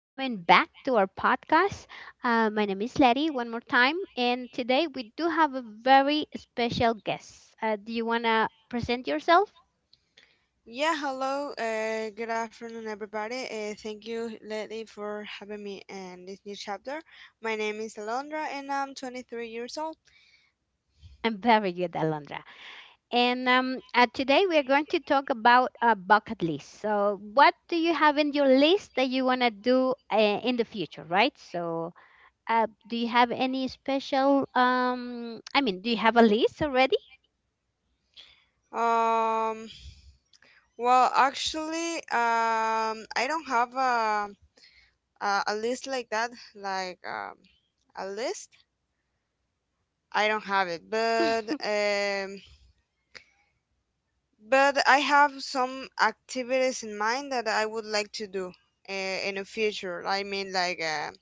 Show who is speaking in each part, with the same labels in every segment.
Speaker 1: coming back to our podcast. My name is Letty one more time, and today we do have a very special guest. Do you want to present yourself?
Speaker 2: Yeah, hello. Good afternoon, everybody. Thank you, Lily, for having me in this new chapter. My name is Alondra, and I'm 23 years old.
Speaker 1: I'm very good, Alondra. And today we are going to talk about a bucket list. So, what do you have in your list that you want to do in the future, right? So, do you have any special? I mean, do you have a list already?
Speaker 2: Um, well, actually, I don't have a list like that, like um, a list. I don't have it, but I have some activities in mind that I would like to do in the future. I mean, like.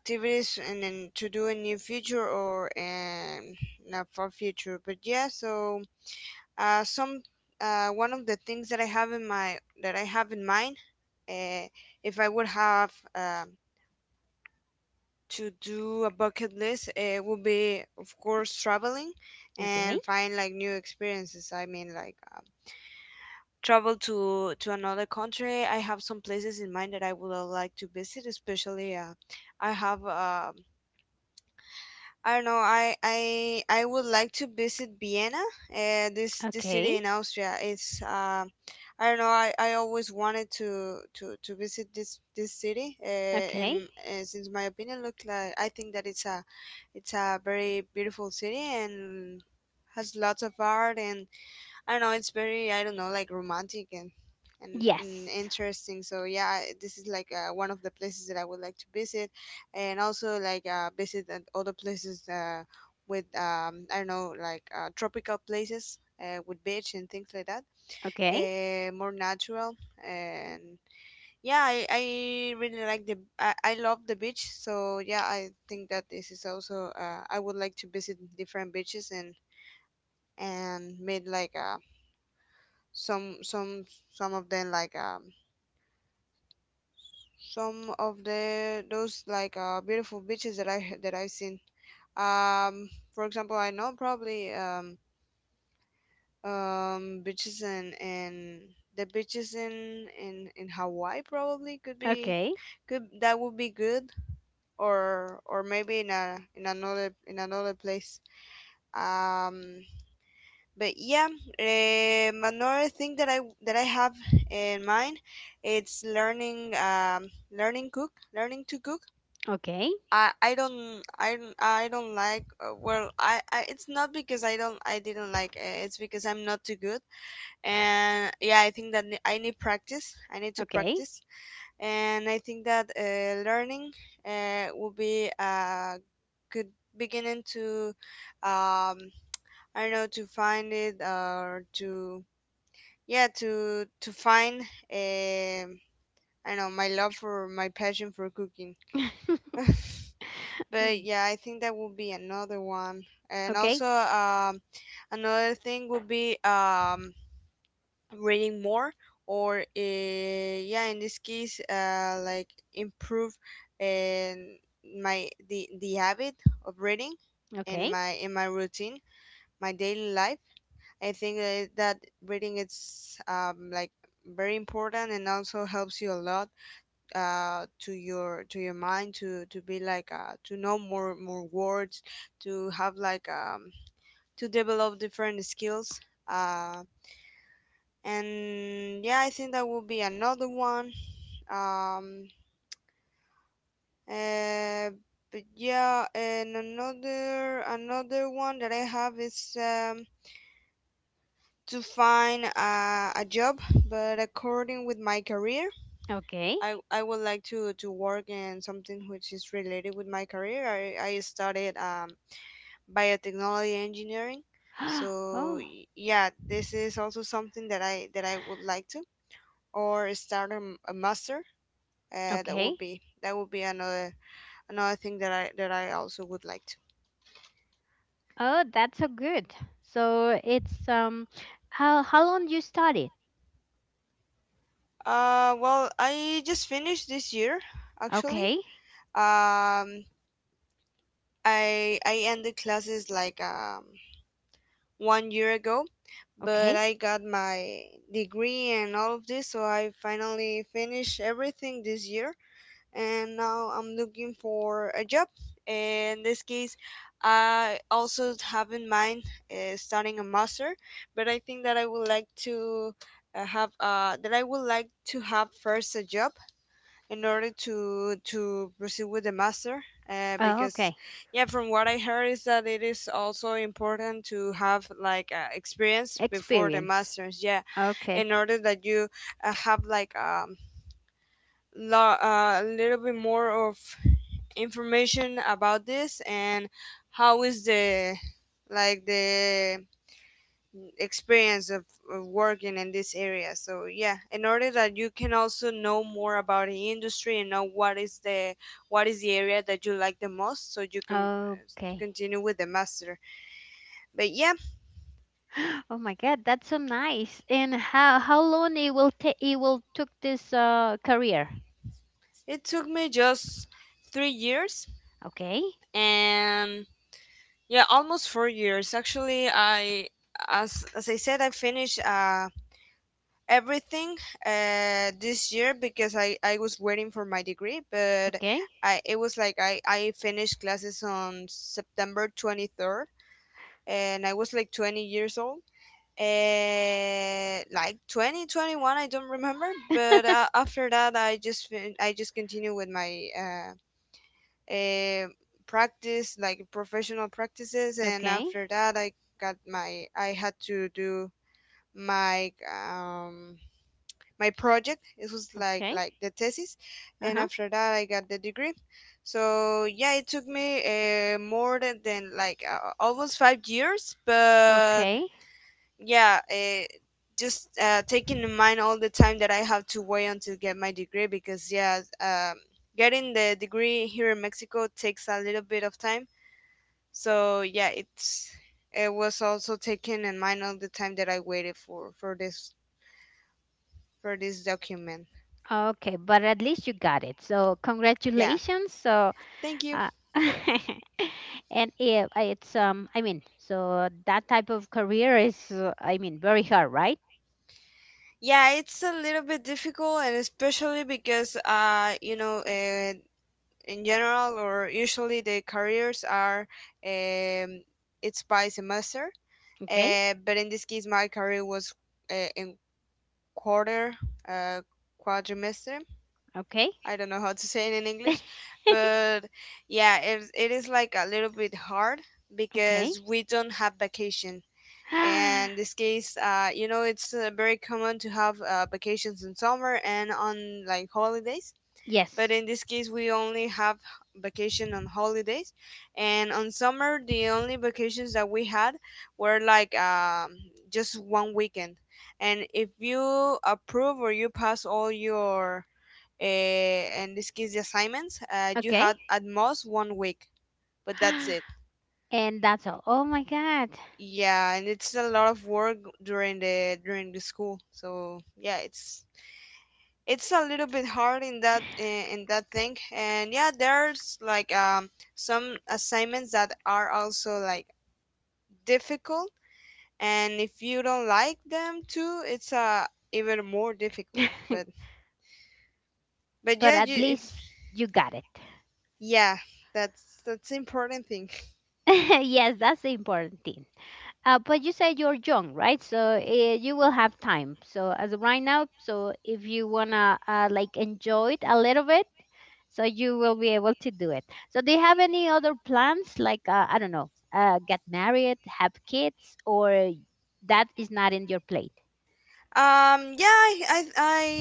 Speaker 2: Activities and then to do in near future or in not far future but yeah so some one of the things that I have in mind uh, if I would have um, to do a bucket list, it would be of course traveling
Speaker 1: Okay,
Speaker 2: and find like new experiences. I mean, like travel to another country. I have some places in mind that I would like to visit, especially I have a, I don't know. I I would like to visit Vienna, this
Speaker 1: okay,
Speaker 2: city in Austria. It's I don't know. I always wanted to visit this city.
Speaker 1: okay.
Speaker 2: In, since my opinion look like I think that it's a very beautiful city and has lots of art, and I don't know, it's very, I don't know, like romantic and and
Speaker 1: Yes.
Speaker 2: interesting. So yeah, I- this is like one of the places that I would like to visit, and also like visit at other places with I don't know, like tropical places with beach and things like that,
Speaker 1: Okay.
Speaker 2: more natural and. Yeah, I really like the I love the beach, so yeah, I think that this is also I would like to visit different beaches and made like a some some of them some of the those like beautiful beaches that I've seen. Um, for example, I know probably beaches in the beaches in Hawaii probably could be,
Speaker 1: Okay.
Speaker 2: could that would be good, or maybe in a, in another, in another place. Um, But yeah, another thing that I have in mind, it's learning learning cook, learning to cook.
Speaker 1: Okay.
Speaker 2: I don't, I don't, I don't like well, I it's not because I didn't like it, it's because I'm not too good, and yeah, I think that I need practice, I need to
Speaker 1: Okay.
Speaker 2: practice, and I think that learning will be a good beginning to um, I don't know, to find it or to, yeah, to find um I don't know, my love for my passion for cooking.
Speaker 1: Mm,
Speaker 2: But yeah, I think that will be another one. And
Speaker 1: okay.
Speaker 2: also, another thing would be reading more, or yeah, in this case, like improve and my the habit of reading in
Speaker 1: Okay.
Speaker 2: my routine, my daily life. I think that, that reading it's like very important, and also helps you a lot to your mind to be like to know more words, to have like to develop different skills, uh, and yeah, I think that will be another one. um, uh, but yeah, and another one that I have is to find a job, but according with my career.
Speaker 1: Okay.
Speaker 2: I would like to work in something which is related with my career. I studied biotechnology engineering. So
Speaker 1: Oh.
Speaker 2: y- yeah, this is also something that I would like to, or start a master. That
Speaker 1: Okay.
Speaker 2: would be, another, another thing that I also would like to.
Speaker 1: Oh, that's so good. So it's how long you studied?
Speaker 2: Well, I just finished this year actually.
Speaker 1: Okay.
Speaker 2: Um, I ended classes like 1 year ago,
Speaker 1: Okay.
Speaker 2: but I got my degree and all of this, so I finally finished everything this year, and now I'm looking for a job. In this case, I also have in mind starting a master, but I think that I would like to have that I would like to have first a job in order to proceed with the master
Speaker 1: Oh, okay.
Speaker 2: because yeah, from what I heard is that it is also important to have like experience before the
Speaker 1: Experience.
Speaker 2: masters, yeah,
Speaker 1: Okay.
Speaker 2: in order that you have like a little bit more of information about this, and how is the like the experience of working in this area. So yeah, in order that you can also know more about the industry and know what is the area that you like the most, so you can
Speaker 1: Okay.
Speaker 2: continue with the master. But yeah,
Speaker 1: Oh my God, that's so nice. And how long it will take it will took this career?
Speaker 2: it took me just 3 years
Speaker 1: Okay.
Speaker 2: and yeah, almost 4 years. Actually, I, as I said, I finished. Everything this year because I was waiting for my degree, but
Speaker 1: Okay.
Speaker 2: it was like I finished classes on September 23rd and I was like 20 years old. Like 2021, I don't remember, but after that I just I just continue with my uh, practice, like professional practices, and
Speaker 1: Okay.
Speaker 2: after that I had to do my my project. It was like
Speaker 1: Okay.
Speaker 2: the thesis, and
Speaker 1: Uh-huh.
Speaker 2: after that I got the degree. So yeah, it took me more than like almost 5 years, but
Speaker 1: Okay.
Speaker 2: yeah, just taking in mind all the time that I have to wait until get my degree, because yeah, getting the degree here in Mexico takes a little bit of time. So yeah, it's, it was also taken in mind all the time that I waited for this for this document.
Speaker 1: Okay, but at least you got it. So
Speaker 2: Yeah,
Speaker 1: congratulations. So
Speaker 2: thank you.
Speaker 1: uh, and yeah, so that type of career is very hard, right?
Speaker 2: Yeah, it's a little bit difficult, and especially because, you know, in general or usually the careers are, um, it's by semester.
Speaker 1: Okay.
Speaker 2: But in this case, my career was in quarter, uh, quadrimester.
Speaker 1: Okay.
Speaker 2: I don't know how to say it in English, but yeah, it is like a little bit hard
Speaker 1: Okay.
Speaker 2: because we don't have vacation, and this case you know, it's very common to have vacations in summer and on like holidays,
Speaker 1: yes.
Speaker 2: but in this case we only have vacation on holidays, and on summer the only vacations that we had were like just one weekend, and if you approve or you pass all your in this case the assignments, you
Speaker 1: Okay.
Speaker 2: had at most 1 week, but that's it.
Speaker 1: And that's all. Oh my god.
Speaker 2: Yeah, and it's a lot of work during the school. So yeah, it's a little bit hard in that, in that thing. And yeah, there's like some assignments that are also like difficult, and if you don't like them too, it's even more difficult. But
Speaker 1: But
Speaker 2: yeah,
Speaker 1: at
Speaker 2: you if
Speaker 1: least you got it.
Speaker 2: yeah, that's important thing.
Speaker 1: Yes, that's the important thing. But you said you're young, right? So you will have time. So as of right now, so if you wanna like enjoy it a little bit, so you will be able to do it. So do you have any other plans? Like I don't know, get married, have kids, or that is not in your plate?
Speaker 2: Yeah, I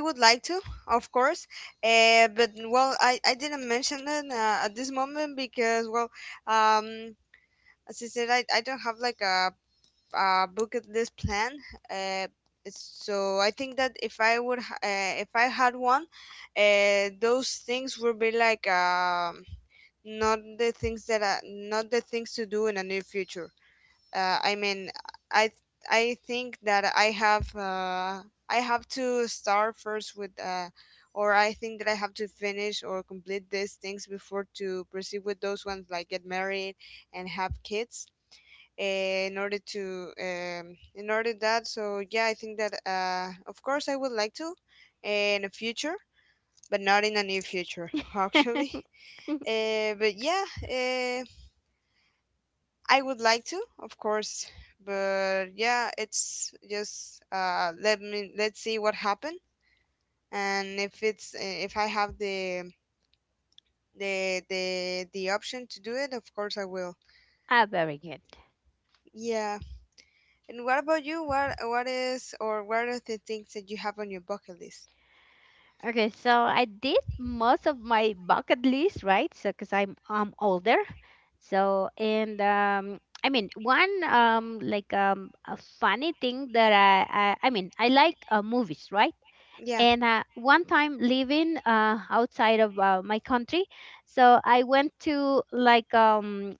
Speaker 2: I would like to, of course, but well, I didn't mention it at this moment because well, um, as I said, I don't have like a bucket list plan. Uh, so I think that if I would if I had one, those things would be like not the things that I, not the things to do in a near future, I mean, I I think that I have to start first with, or I think that I have to finish or complete these things before to proceed with those ones, like get married and have kids. In order to, um, so yeah, I think that of course I would like to in the future, but not in the near future,
Speaker 1: Ah,
Speaker 2: actually. But yeah, I would like to, of course, but yeah, it's just let me, let's see what happened, and if it's if I have the option to do it, of course I will.
Speaker 1: very good.
Speaker 2: Yeah. And what about you? What is, or what are the things that you have on your bucket list?
Speaker 1: Okay, so I did most of my bucket list, right? So, because I'm older, so and I mean one like a funny thing that I mean I like movies, right?
Speaker 2: Yeah.
Speaker 1: And one time living outside of my country, so I went to like um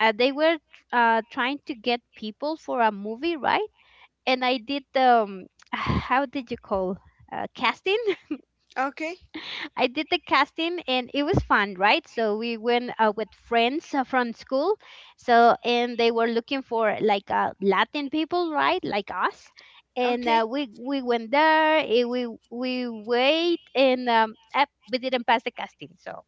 Speaker 1: uh, they were trying to get people for a movie, right? And I did how did you call casting?
Speaker 2: Okay.
Speaker 1: I did the casting and it was fun, right? So we went with friends from school. So, and they were looking for like Latin people, right? Like us. And uh,
Speaker 2: Okay.
Speaker 1: we we went there, we wait, and we didn't pass the casting. So,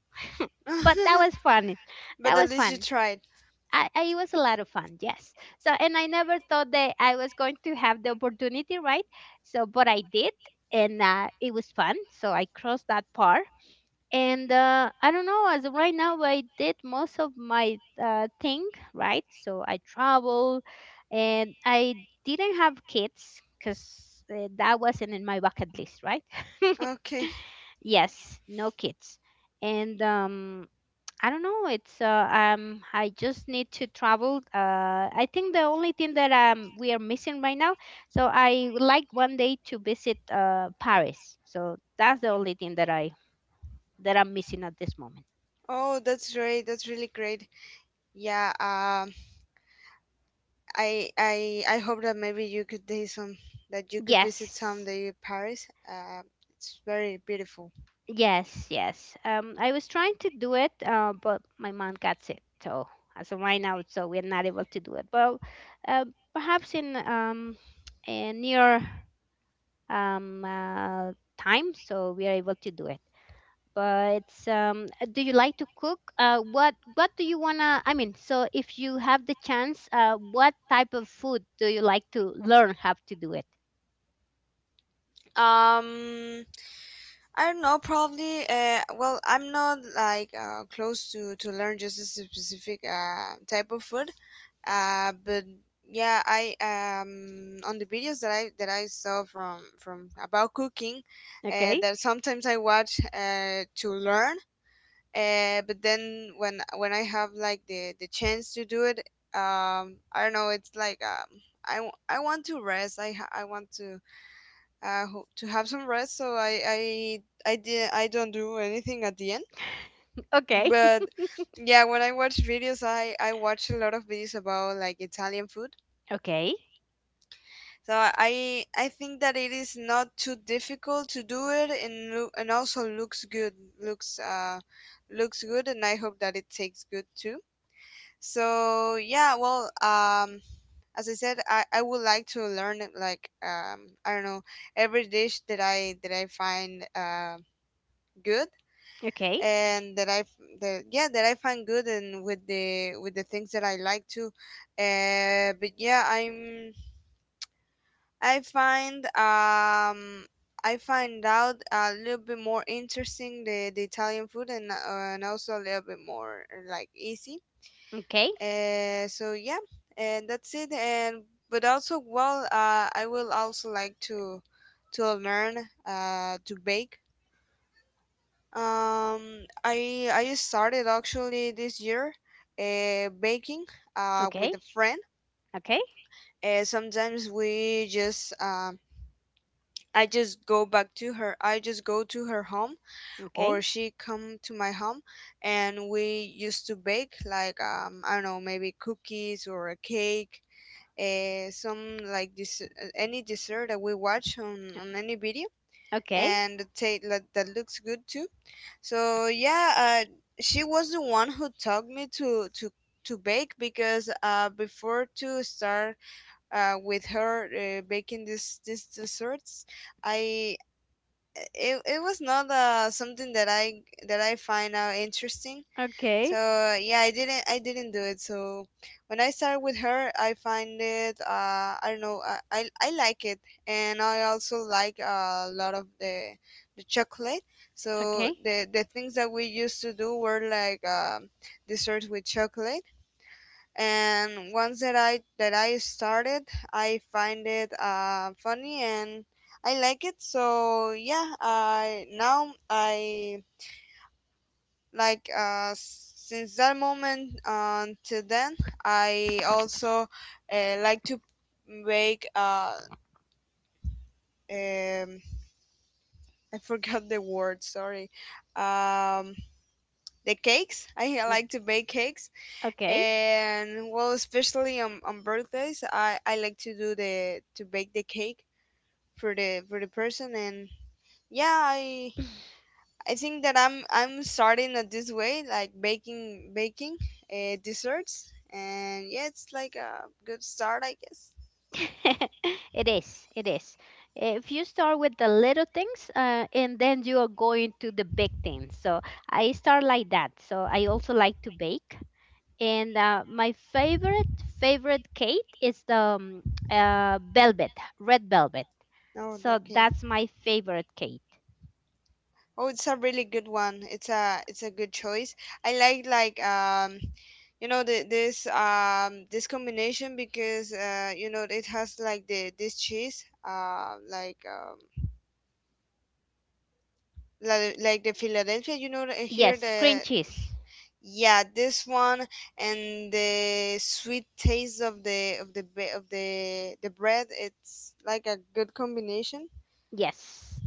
Speaker 1: but that was fun. That
Speaker 2: But
Speaker 1: was
Speaker 2: at least
Speaker 1: fun.
Speaker 2: you tried.
Speaker 1: It was a lot of fun, yes. So, and I never thought that I was going to have the opportunity, right? So, but I did, and it was fun. So I crossed that part and I don't know, as of right now I did most of my thing, right? So I travel and I didn't have kids because that wasn't in my bucket list, right?
Speaker 2: Okay.
Speaker 1: Yes, no kids. And I don't know, it's I just need to travel. Uh, I think the only thing that we are missing right now, so I would like one day to visit Paris. So that's the only thing that I that I'm missing at this moment.
Speaker 2: Oh, that's great. That's really great. Yeah. I I I hope that maybe you could do some that you could visit
Speaker 1: Yes,
Speaker 2: someday Paris. It's very beautiful.
Speaker 1: yes, yes. I was trying to do it, but my mom got sick. So as of right now, so we're not able to do it. But uh, perhaps in a near um, uh, time, so we are able to do it. But do you like to cook? What do you wanna? I mean, so if you have the chance, what type of food do you like to learn how to do it?
Speaker 2: Um, I don't know, probably. Well, I'm not like close to learn just a specific type of food. But yeah, I on the videos that I saw from about cooking,
Speaker 1: Okay,
Speaker 2: that sometimes I watch to learn. But then when I have like the chance to do it, I don't know. It's like I want to rest. I want to to have some rest. So I did I don't do anything at the end.
Speaker 1: okay,
Speaker 2: But yeah, when I watch videos, I watch a lot of videos about like Italian food.
Speaker 1: okay.
Speaker 2: So I think that it is not too difficult to do it, and and also looks good. Looks good, and I hope that it tastes good too. So yeah, well, as I said, I would like to learn it, like I don't know, every dish that I find good
Speaker 1: Okay.
Speaker 2: and that I that I find good, and with the things that I like to, but yeah, I find um. I find out a little bit more interesting the Italian food, and also a little bit more, like easy.
Speaker 1: Okay.
Speaker 2: So yeah, and that's it. And but also, well, I will also like to learn, to bake. Um, I started, actually, this year, baking,
Speaker 1: Okay.
Speaker 2: with a friend.
Speaker 1: Okay.
Speaker 2: Sometimes we just I just go back to her. I just go to her home,
Speaker 1: Okay.
Speaker 2: or she come to my home, and we used to bake like, I don't know, maybe cookies or a cake, some, like this, any dessert that we watch on any video
Speaker 1: Okay. Okay.
Speaker 2: and take, like, that looks good too. So yeah, she was the one who taught me to to bake, because, before to start, with her, baking this these desserts. I It was not, something that I find out interesting,
Speaker 1: Okay.
Speaker 2: so yeah, I didn't do it. So when I started with her, I find it, I don't know, I like it, and I also like, a lot of the chocolate.
Speaker 1: Okay.
Speaker 2: So the things that we used to do were, like, desserts with chocolate. And once that I started, I find it, funny, and I like it. So yeah, I like, since that moment until then, I also, like to make, um, I forgot the word. Sorry. Um, the cakes. I like to bake cakes,
Speaker 1: Okay.
Speaker 2: and well, especially on birthdays, I like to do the to bake the cake for the person, and yeah, I think that I'm starting at this way, like, baking, desserts, and yeah, it's like a good start, I guess.
Speaker 1: It is. It is. If you start with the little things and then you are going to the big things. So I start like that. So I also like to bake. And my favorite, favorite cake is the velvet, red velvet.
Speaker 2: No,
Speaker 1: So that's
Speaker 2: okay.
Speaker 1: my favorite cake.
Speaker 2: Oh, it's a really good one. It's a good choice. I like, you know, this, this combination, because, you know, it has, like, the this cheese, like, like the Philadelphia, you know, here
Speaker 1: Yes,
Speaker 2: the
Speaker 1: cream cheese.
Speaker 2: Yeah, this one, and the sweet taste of the bread, it's like a good combination.
Speaker 1: Yes.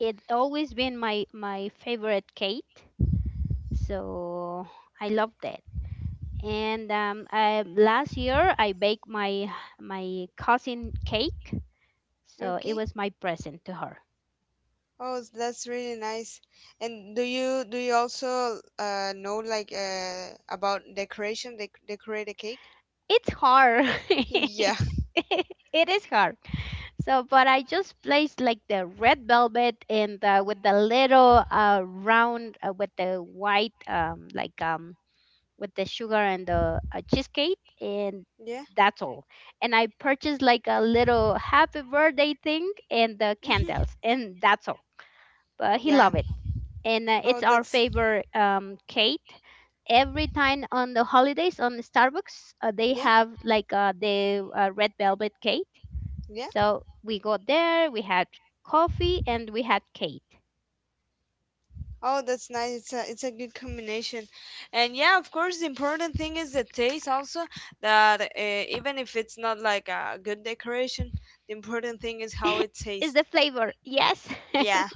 Speaker 1: It always been my my favorite cake, so I love that. And I, last year I baked my cousin cake, so it was
Speaker 2: Okay.
Speaker 1: my present to her.
Speaker 2: Oh, that's really nice. And do you also, know, like, about decoration? They decorate a cake?
Speaker 1: It's hard.
Speaker 2: Yeah.
Speaker 1: It is hard. So, but I just placed like the red velvet and with the little round with the white with the sugar and the cheesecake, and
Speaker 2: Yeah.
Speaker 1: that's all. And I purchased like a little happy birthday thing and the
Speaker 2: Hmm.
Speaker 1: candles, and that's all. But he loved
Speaker 2: Yeah.
Speaker 1: it, and
Speaker 2: Oh,
Speaker 1: it's our
Speaker 2: that's
Speaker 1: favorite cake. Every time on the holidays on the Starbucks, they
Speaker 2: yeah.
Speaker 1: have like the red velvet cake.
Speaker 2: Yeah.
Speaker 1: So we go there, we had coffee, and we had cake.
Speaker 2: Oh, that's nice. It's a good combination, and yeah, of course, the important thing is the taste also. That, even if it's not like a good decoration, the important thing is how it
Speaker 1: Is
Speaker 2: tastes.
Speaker 1: the flavor? Yes.
Speaker 2: Yeah,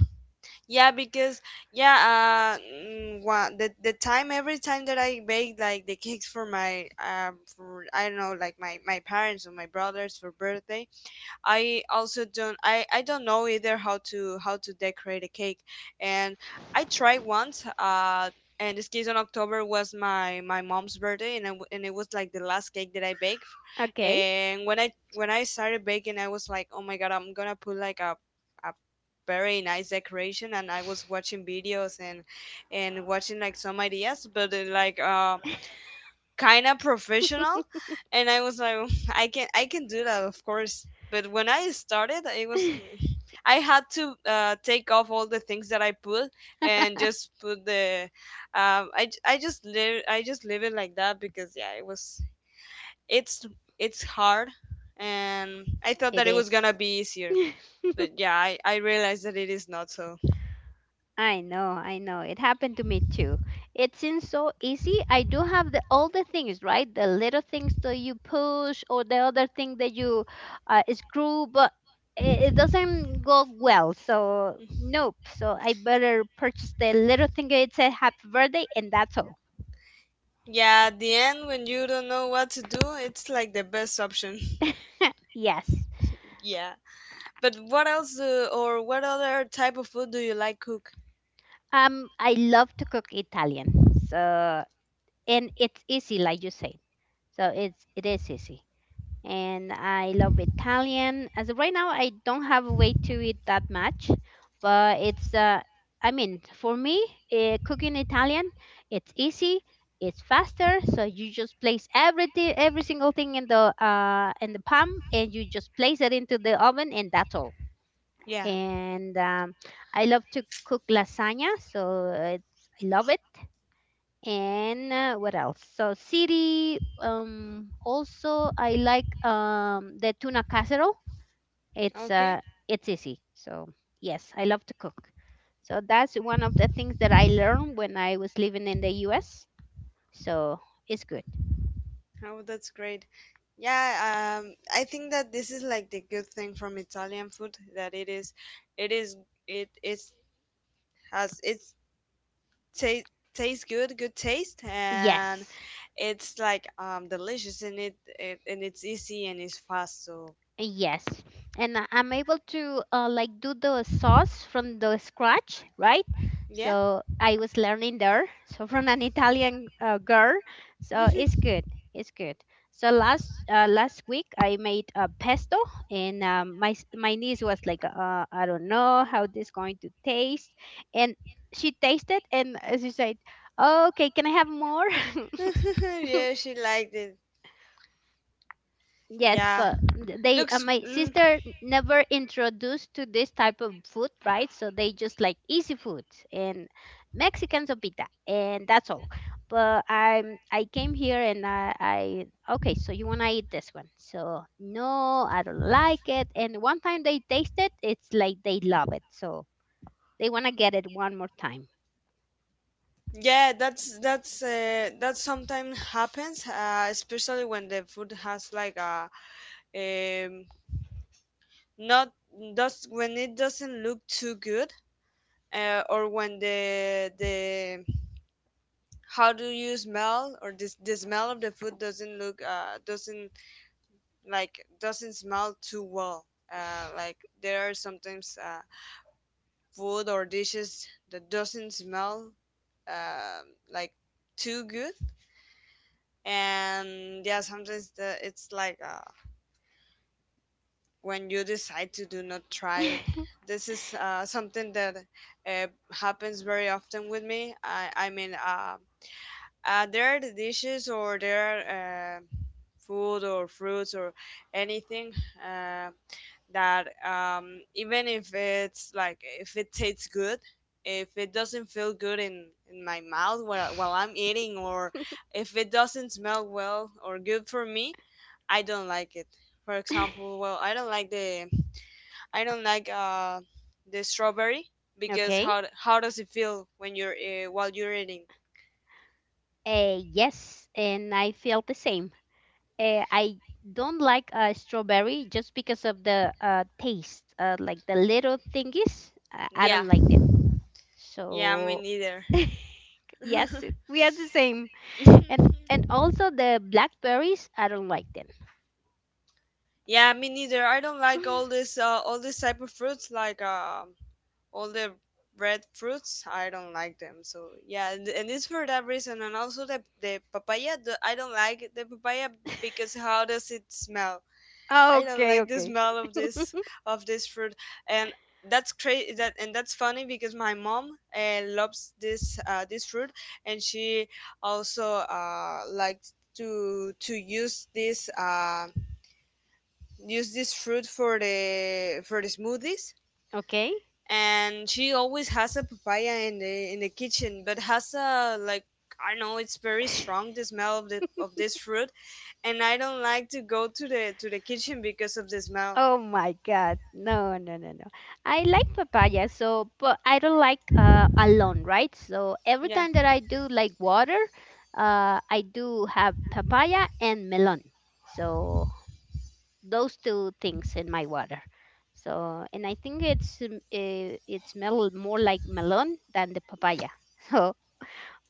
Speaker 2: yeah, because yeah, mm, wa- the time every time that I bake like the cakes for my, for, I don't know, like my parents or my brothers for birthday, I also don't I don't know either how to decorate a cake, and I tried once, and this case, on October, was my mom's birthday, and and it was like the last cake that I baked.
Speaker 1: okay.
Speaker 2: And when I started baking, I was like, oh my God, I'm gonna put, like, a very nice decoration, and I was watching videos, and watching, like, some ideas, but then, like, kind of professional, and I was like, I can do that, of course. But when I started, it was, I had to, take off all the things that I put, and just put I just live it like that, because, yeah, it's it's hard. And I thought
Speaker 1: it
Speaker 2: that it was
Speaker 1: is.
Speaker 2: gonna be easier, but yeah, I realized that it is not. So
Speaker 1: I know, I know. It happened to me too. It seems so easy. I do have the all the things, right? The little things that you push or the other thing that you screw, but it doesn't go well. So nope. So I better purchase the little thing that it said happy birthday and that's all.
Speaker 2: yeah, at the end, when you don't know what to do, it's like the best option.
Speaker 1: Yes.
Speaker 2: Yeah. But what else, or what other type of food do you like cook?
Speaker 1: I love to cook Italian. So and it's easy, like you said. So it's it is easy. And I love Italian. As of right now, I don't have a way to eat that much, but for me, cooking Italian, it's easy, it's faster. So you just place everything, every single thing in the pan, and you just place it into the oven, and that's all.
Speaker 2: Yeah.
Speaker 1: And I love to cook lasagna, so it's, I love it. And What else? So city also I like the tuna casserole. it's
Speaker 2: Okay.
Speaker 1: uh it's easy, so yes, I love to cook. So that's one of the things that I learned when I was living in the US, so it's good.
Speaker 2: Oh, that's great. Yeah, I think that this is, like, the good thing from Italian food, that it is, it has, it's tastes good, good taste, and
Speaker 1: Yes,
Speaker 2: it's, like, delicious, and it's easy, and it's fast. So
Speaker 1: Yes, and I'm able to like do the sauce from the scratch, right?
Speaker 2: yeah,
Speaker 1: So I was learning there, so from an Italian girl. So it's good, it's good. So last week I made a pesto, and my niece was like, I don't know how this going to taste, and she tasted and she said, "Okay, can I have more?"
Speaker 2: yeah, she liked it.
Speaker 1: Yes,
Speaker 2: Yeah,
Speaker 1: but they
Speaker 2: looks.
Speaker 1: my sister never introduced to this type of food, right? So they just like easy food and Mexican sopita, and that's all. But I came here and I okay, so you wanna eat this one? So no, I don't like it. And one time they taste it, it's like they love it, so they wanna get it one more time.
Speaker 2: Yeah, that's that sometimes happens, especially when the food has, like, a, um, not does, when it doesn't look too good, or when the how do you smell, or this the smell of the food doesn't look, doesn't smell too well. Like, there are sometimes, food or dishes that doesn't smell, uh, like, too good. And yeah, sometimes, the it's like, when you decide to do not try it. This is, something that, uh, happens very often with me. I mean, there are the dishes, or there are, food or fruits or anything, uh, that, even if it's like, if it tastes good, if it doesn't feel good in my mouth, while I'm eating, or if it doesn't smell well or good for me, I don't like it. For example, well, I don't like, the strawberry, because
Speaker 1: Okay.
Speaker 2: how does it feel when you're while you're eating?
Speaker 1: Yes, and I feel the same. I don't like strawberry just because of the taste, like the little thingies. I
Speaker 2: Yeah,
Speaker 1: don't like them.
Speaker 2: yeah, me
Speaker 1: So
Speaker 2: neither.
Speaker 1: yes, we are the same. And also the blackberries, I don't like them.
Speaker 2: Yeah, me neither. I don't like all this, all this type of fruits, like, all the red fruits. I don't like them. So yeah, and it's for that reason. And also the papaya. I don't like the papaya, because how does it smell? I don't
Speaker 1: Okay,
Speaker 2: like the
Speaker 1: okay,
Speaker 2: smell of this fruit, and that's crazy. That's funny, because my mom, loves this, this fruit, and she also, likes to use this fruit for the smoothies.
Speaker 1: okay.
Speaker 2: And she always has a papaya in the kitchen, but has, a, like, I don't know, it's very strong, the smell of the of this fruit, and I don't like to go to the kitchen because of the smell.
Speaker 1: Oh my God. No, no, no, no. I like papaya, so but I don't like alone, right? So every time
Speaker 2: Yeah.
Speaker 1: that I do like water, I do have papaya and melon. So those two things in my water. So and I think it's eh, it's mel more like melon than the papaya. So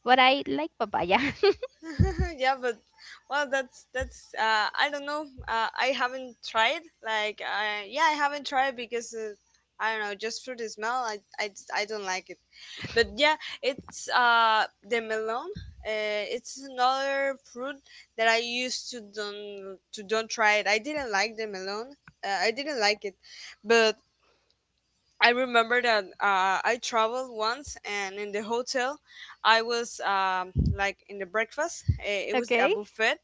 Speaker 1: but I like papaya.
Speaker 2: Yeah, but well, that's I don't know. I haven't tried. Like, yeah, I haven't tried, because, I don't know, just for the smell, I, I don't like it. But yeah, it's, the melon. It's another fruit that I used to don't try it. I didn't like the melon. I didn't like it, but I remember that, I traveled once, and in the hotel, I was, like, in the breakfast. It was a
Speaker 1: Okay.
Speaker 2: buffet,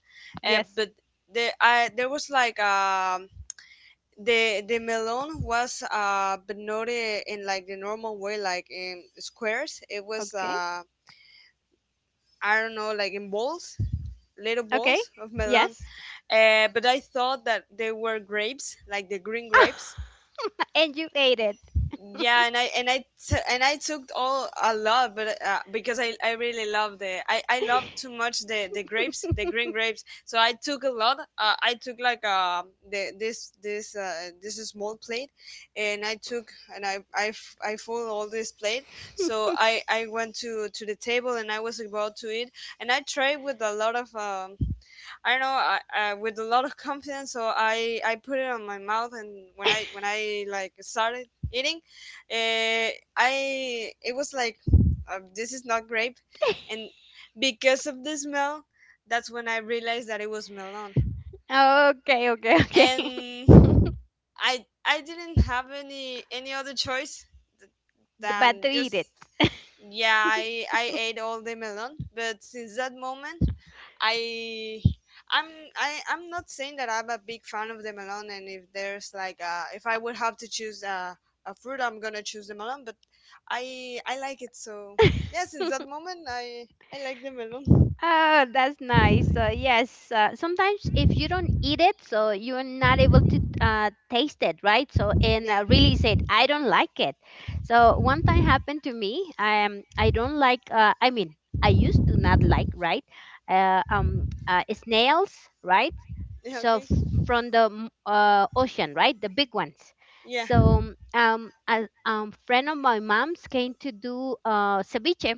Speaker 2: but
Speaker 1: Yes.
Speaker 2: there was like, the melon was, but not, in like the normal way, like in squares. It was,
Speaker 1: Okay.
Speaker 2: I don't know, like in balls, little
Speaker 1: Okay.
Speaker 2: balls of melon.
Speaker 1: Yes.
Speaker 2: But I thought that they were grapes, like the green grapes.
Speaker 1: And you ate it.
Speaker 2: Yeah, and I took all a lot, but, because I really love the I love too much the grapes, the green grapes, so I took a lot, I took, like, the this this this small plate, and I took, and I f- I full all this plate, so I went to the table, and I was about to eat, and I tried with a lot of, I know, I with a lot of confidence, so I put it on my mouth, and when I like, started eating, uh, I it was like, this is not grape, and, because of the smell, that's when I realized that it was melon,
Speaker 1: Ah, okay, okay, okay.
Speaker 2: and I didn't have any other choice than
Speaker 1: But to
Speaker 2: just,
Speaker 1: eat it.
Speaker 2: yeah, I ate all the melon. But since that moment, I I'm I'm not saying that I'm a big fan of the melon, and if there's like, if I would have to choose a fruit, I'm gonna choose the melon. But I like it, so yeah. Since that moment, I like the melon.
Speaker 1: Oh, that's nice. Yes, sometimes if you don't eat it, so you're not able to taste it, right? So and
Speaker 2: Yeah.
Speaker 1: really said, I don't like it. So one time happened to me. I don't like. I mean, I used to not like, right? Snails, right?
Speaker 2: Yeah. Okay.
Speaker 1: From the ocean, right? The big ones.
Speaker 2: Yeah.
Speaker 1: So a friend of my mom's came to do ceviche.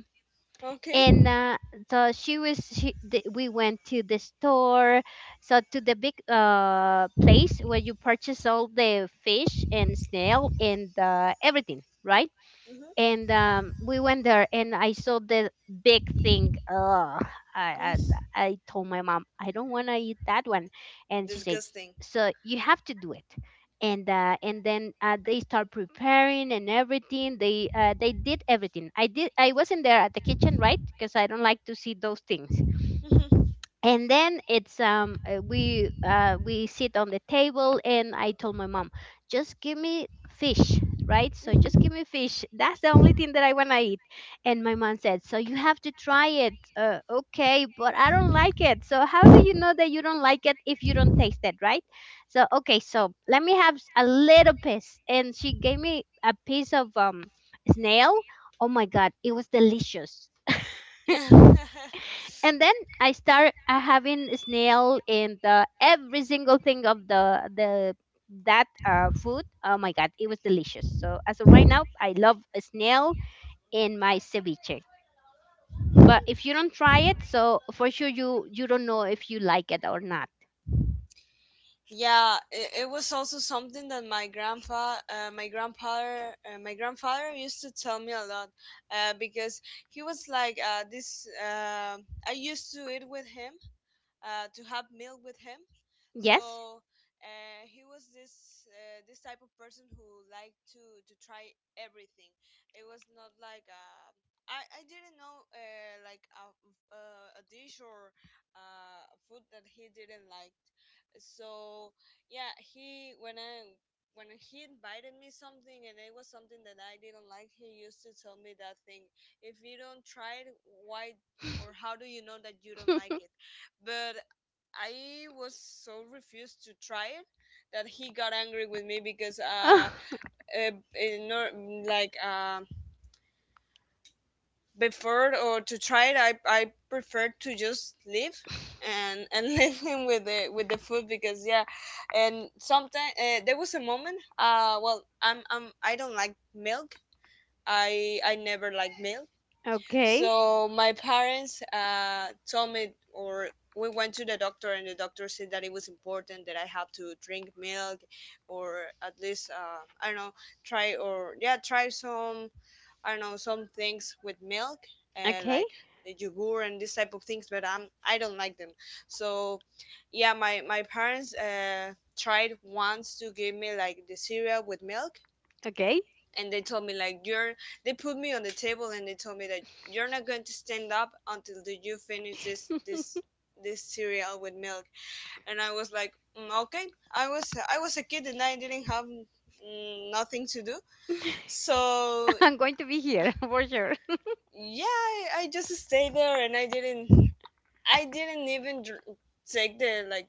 Speaker 1: And
Speaker 2: Okay.
Speaker 1: so she was she, th- we went to the store, so to the big place where you purchase all the fish and snail and everything, right?
Speaker 2: Mhm.
Speaker 1: And we went there and I saw the big thing. Ugh, I, I
Speaker 2: Mm.
Speaker 1: I told my mom I don't want to eat that one. And she said
Speaker 2: Disgusting.
Speaker 1: so you have to do it. And and then they start preparing and everything. They they did everything. I did, I wasn't there at the kitchen, right? Because I don't like to see those things.
Speaker 2: Mhm.
Speaker 1: And then it's we sit on the table and I told my mom just give me fish, right? So just
Speaker 2: Mhm.
Speaker 1: give me fish, that's the only thing that I want to eat. And my mom said, so you have to try it. Uh, okay, but I don't like it. So how do you know that you don't like it if you don't taste it, right? So okay, so let me have a little piece. And she gave me a piece of snail. Oh my god, it was delicious.
Speaker 2: Yeah.
Speaker 1: And then I start having snail in the every single thing of the that food. Oh my god, it was delicious. So as of right now, I love a snail in my ceviche. But if you don't try it, so for sure you don't know if you like it or not.
Speaker 2: Yeah, it was also something that my grandpa, my grandfather, my grandfather used to tell me a lot, because he was like, I used to eat with him, to have meal with him.
Speaker 1: Yes.
Speaker 2: So he was this type of person who liked to try everything. It was not like I didn't know like a dish or food that he didn't like. So yeah, he when I when he invited me something and it was something that I didn't like, he used to tell me that thing. If you don't try it, why or how do you know that you don't like it? But I was so refused to try it that he got angry with me because
Speaker 1: Oh,
Speaker 2: in or- like before or to try it, I preferred to just leave and leave him with the food because yeah, and sometimes there was a moment I don't like milk. I never like milk.
Speaker 1: okay.
Speaker 2: So my parents told me, or we went to the doctor, and the doctor said that it was important that I have to drink milk, or at least I don't know, try or yeah, try some I don't know some things with milk,
Speaker 1: Okay.
Speaker 2: like the yogur and this type of things. But I don't like them. So yeah, my parents tried once to give me like the cereal with milk,
Speaker 1: Okay.
Speaker 2: and they told me like you're they put me on the table and they told me that you're not going to stand up until you finish this cereal with milk. And I was like "Mm, okay. I was a kid and I didn't have nothing to do, so
Speaker 1: I'm going to be here for sure.
Speaker 2: yeah. I just stayed there and I didn't even dr- take the like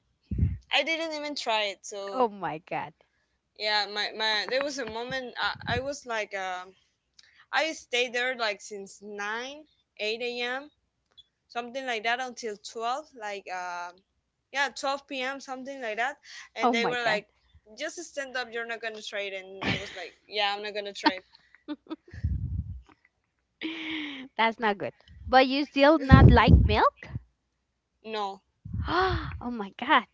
Speaker 2: I didn't even try it. So
Speaker 1: Oh my god.
Speaker 2: yeah, my there was a moment I was like I stayed there like since 9 8 a.m., something like that, until 12 like yeah, 12 p.m, something like that,
Speaker 1: Oh
Speaker 2: and they
Speaker 1: my
Speaker 2: were
Speaker 1: god.
Speaker 2: like just stand up, you're not gonna trade, and I was like yeah, I'm not gonna trade.
Speaker 1: That's not good. But you still not like milk?
Speaker 2: No.
Speaker 1: Oh my God.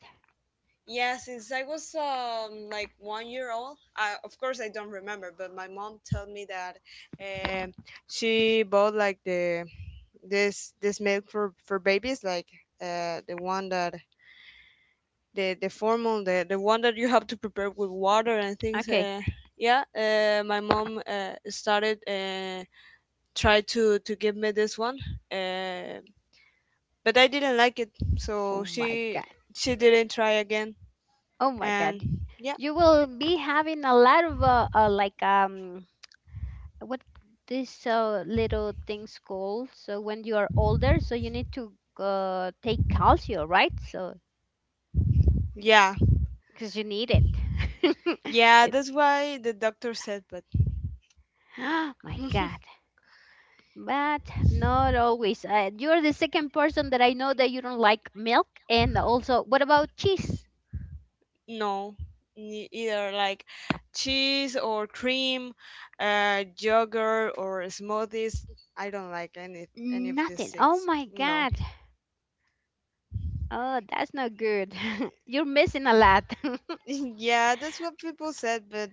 Speaker 2: Yeah, since I was like 1 year old, of course I don't remember, but my mom told me that um she bought like the this milk for babies, like the one that the formal the one that you have to prepare with water and things.
Speaker 1: Okay.
Speaker 2: Yeah, my mom started, try to give me this one, uh, but I didn't like it,
Speaker 1: Oh
Speaker 2: so
Speaker 1: my God.
Speaker 2: she didn't try again.
Speaker 1: Oh my
Speaker 2: And
Speaker 1: God.
Speaker 2: yeah.
Speaker 1: You will be having a lot of like what this little thing's called. So when you are older, so you need to take calcium, right? So
Speaker 2: Yeah.
Speaker 1: because you need it.
Speaker 2: Yeah,
Speaker 1: It-
Speaker 2: that's why the doctor said, but
Speaker 1: Oh my God. But not always. You're the second person that I know that you don't like milk. And also, what about cheese?
Speaker 2: no. Either like cheese or cream, yogurt or smoothies, I don't like any of these
Speaker 1: Nothing. Oh
Speaker 2: things.
Speaker 1: my
Speaker 2: No.
Speaker 1: God. Oh, that's not good. You're missing a lot.
Speaker 2: Yeah, that's what people said, but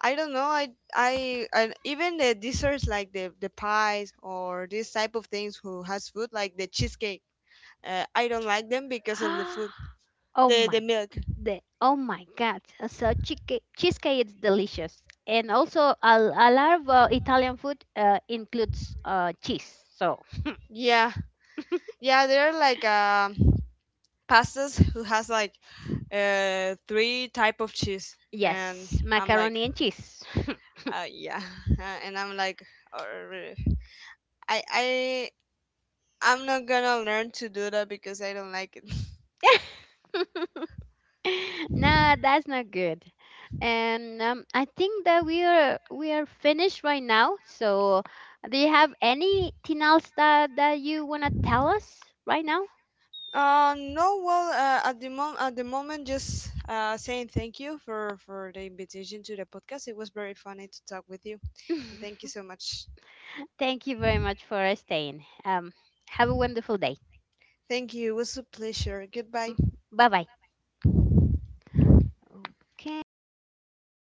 Speaker 2: I don't know. I, I even the desserts like the pies or this type of things who has food like the cheesecake. I don't like them because of the food,
Speaker 1: Oh
Speaker 2: the
Speaker 1: my,
Speaker 2: milk.
Speaker 1: the, oh my God! So cheesecake, cheesecake is delicious, and also a lot of Italian food includes cheese. So
Speaker 2: Yeah, yeah, there are like pastas who has like three type of cheese, and
Speaker 1: yes,
Speaker 2: I'm like
Speaker 1: macaroni and cheese.
Speaker 2: yeah, and I'm like uh, I I'm not gonna learn to do that because I don't like it.
Speaker 1: No, that's not good. And I think that we are finished right now. So do you have anything else that you wanna tell us right now?
Speaker 2: No, well, at the moment, just saying thank you for the invitation to the podcast. It was very funny to talk with you, and thank you so much.
Speaker 1: Thank you very much for staying. Have a wonderful day.
Speaker 2: Thank you. It was a pleasure. Goodbye.
Speaker 1: Bye bye. Okay.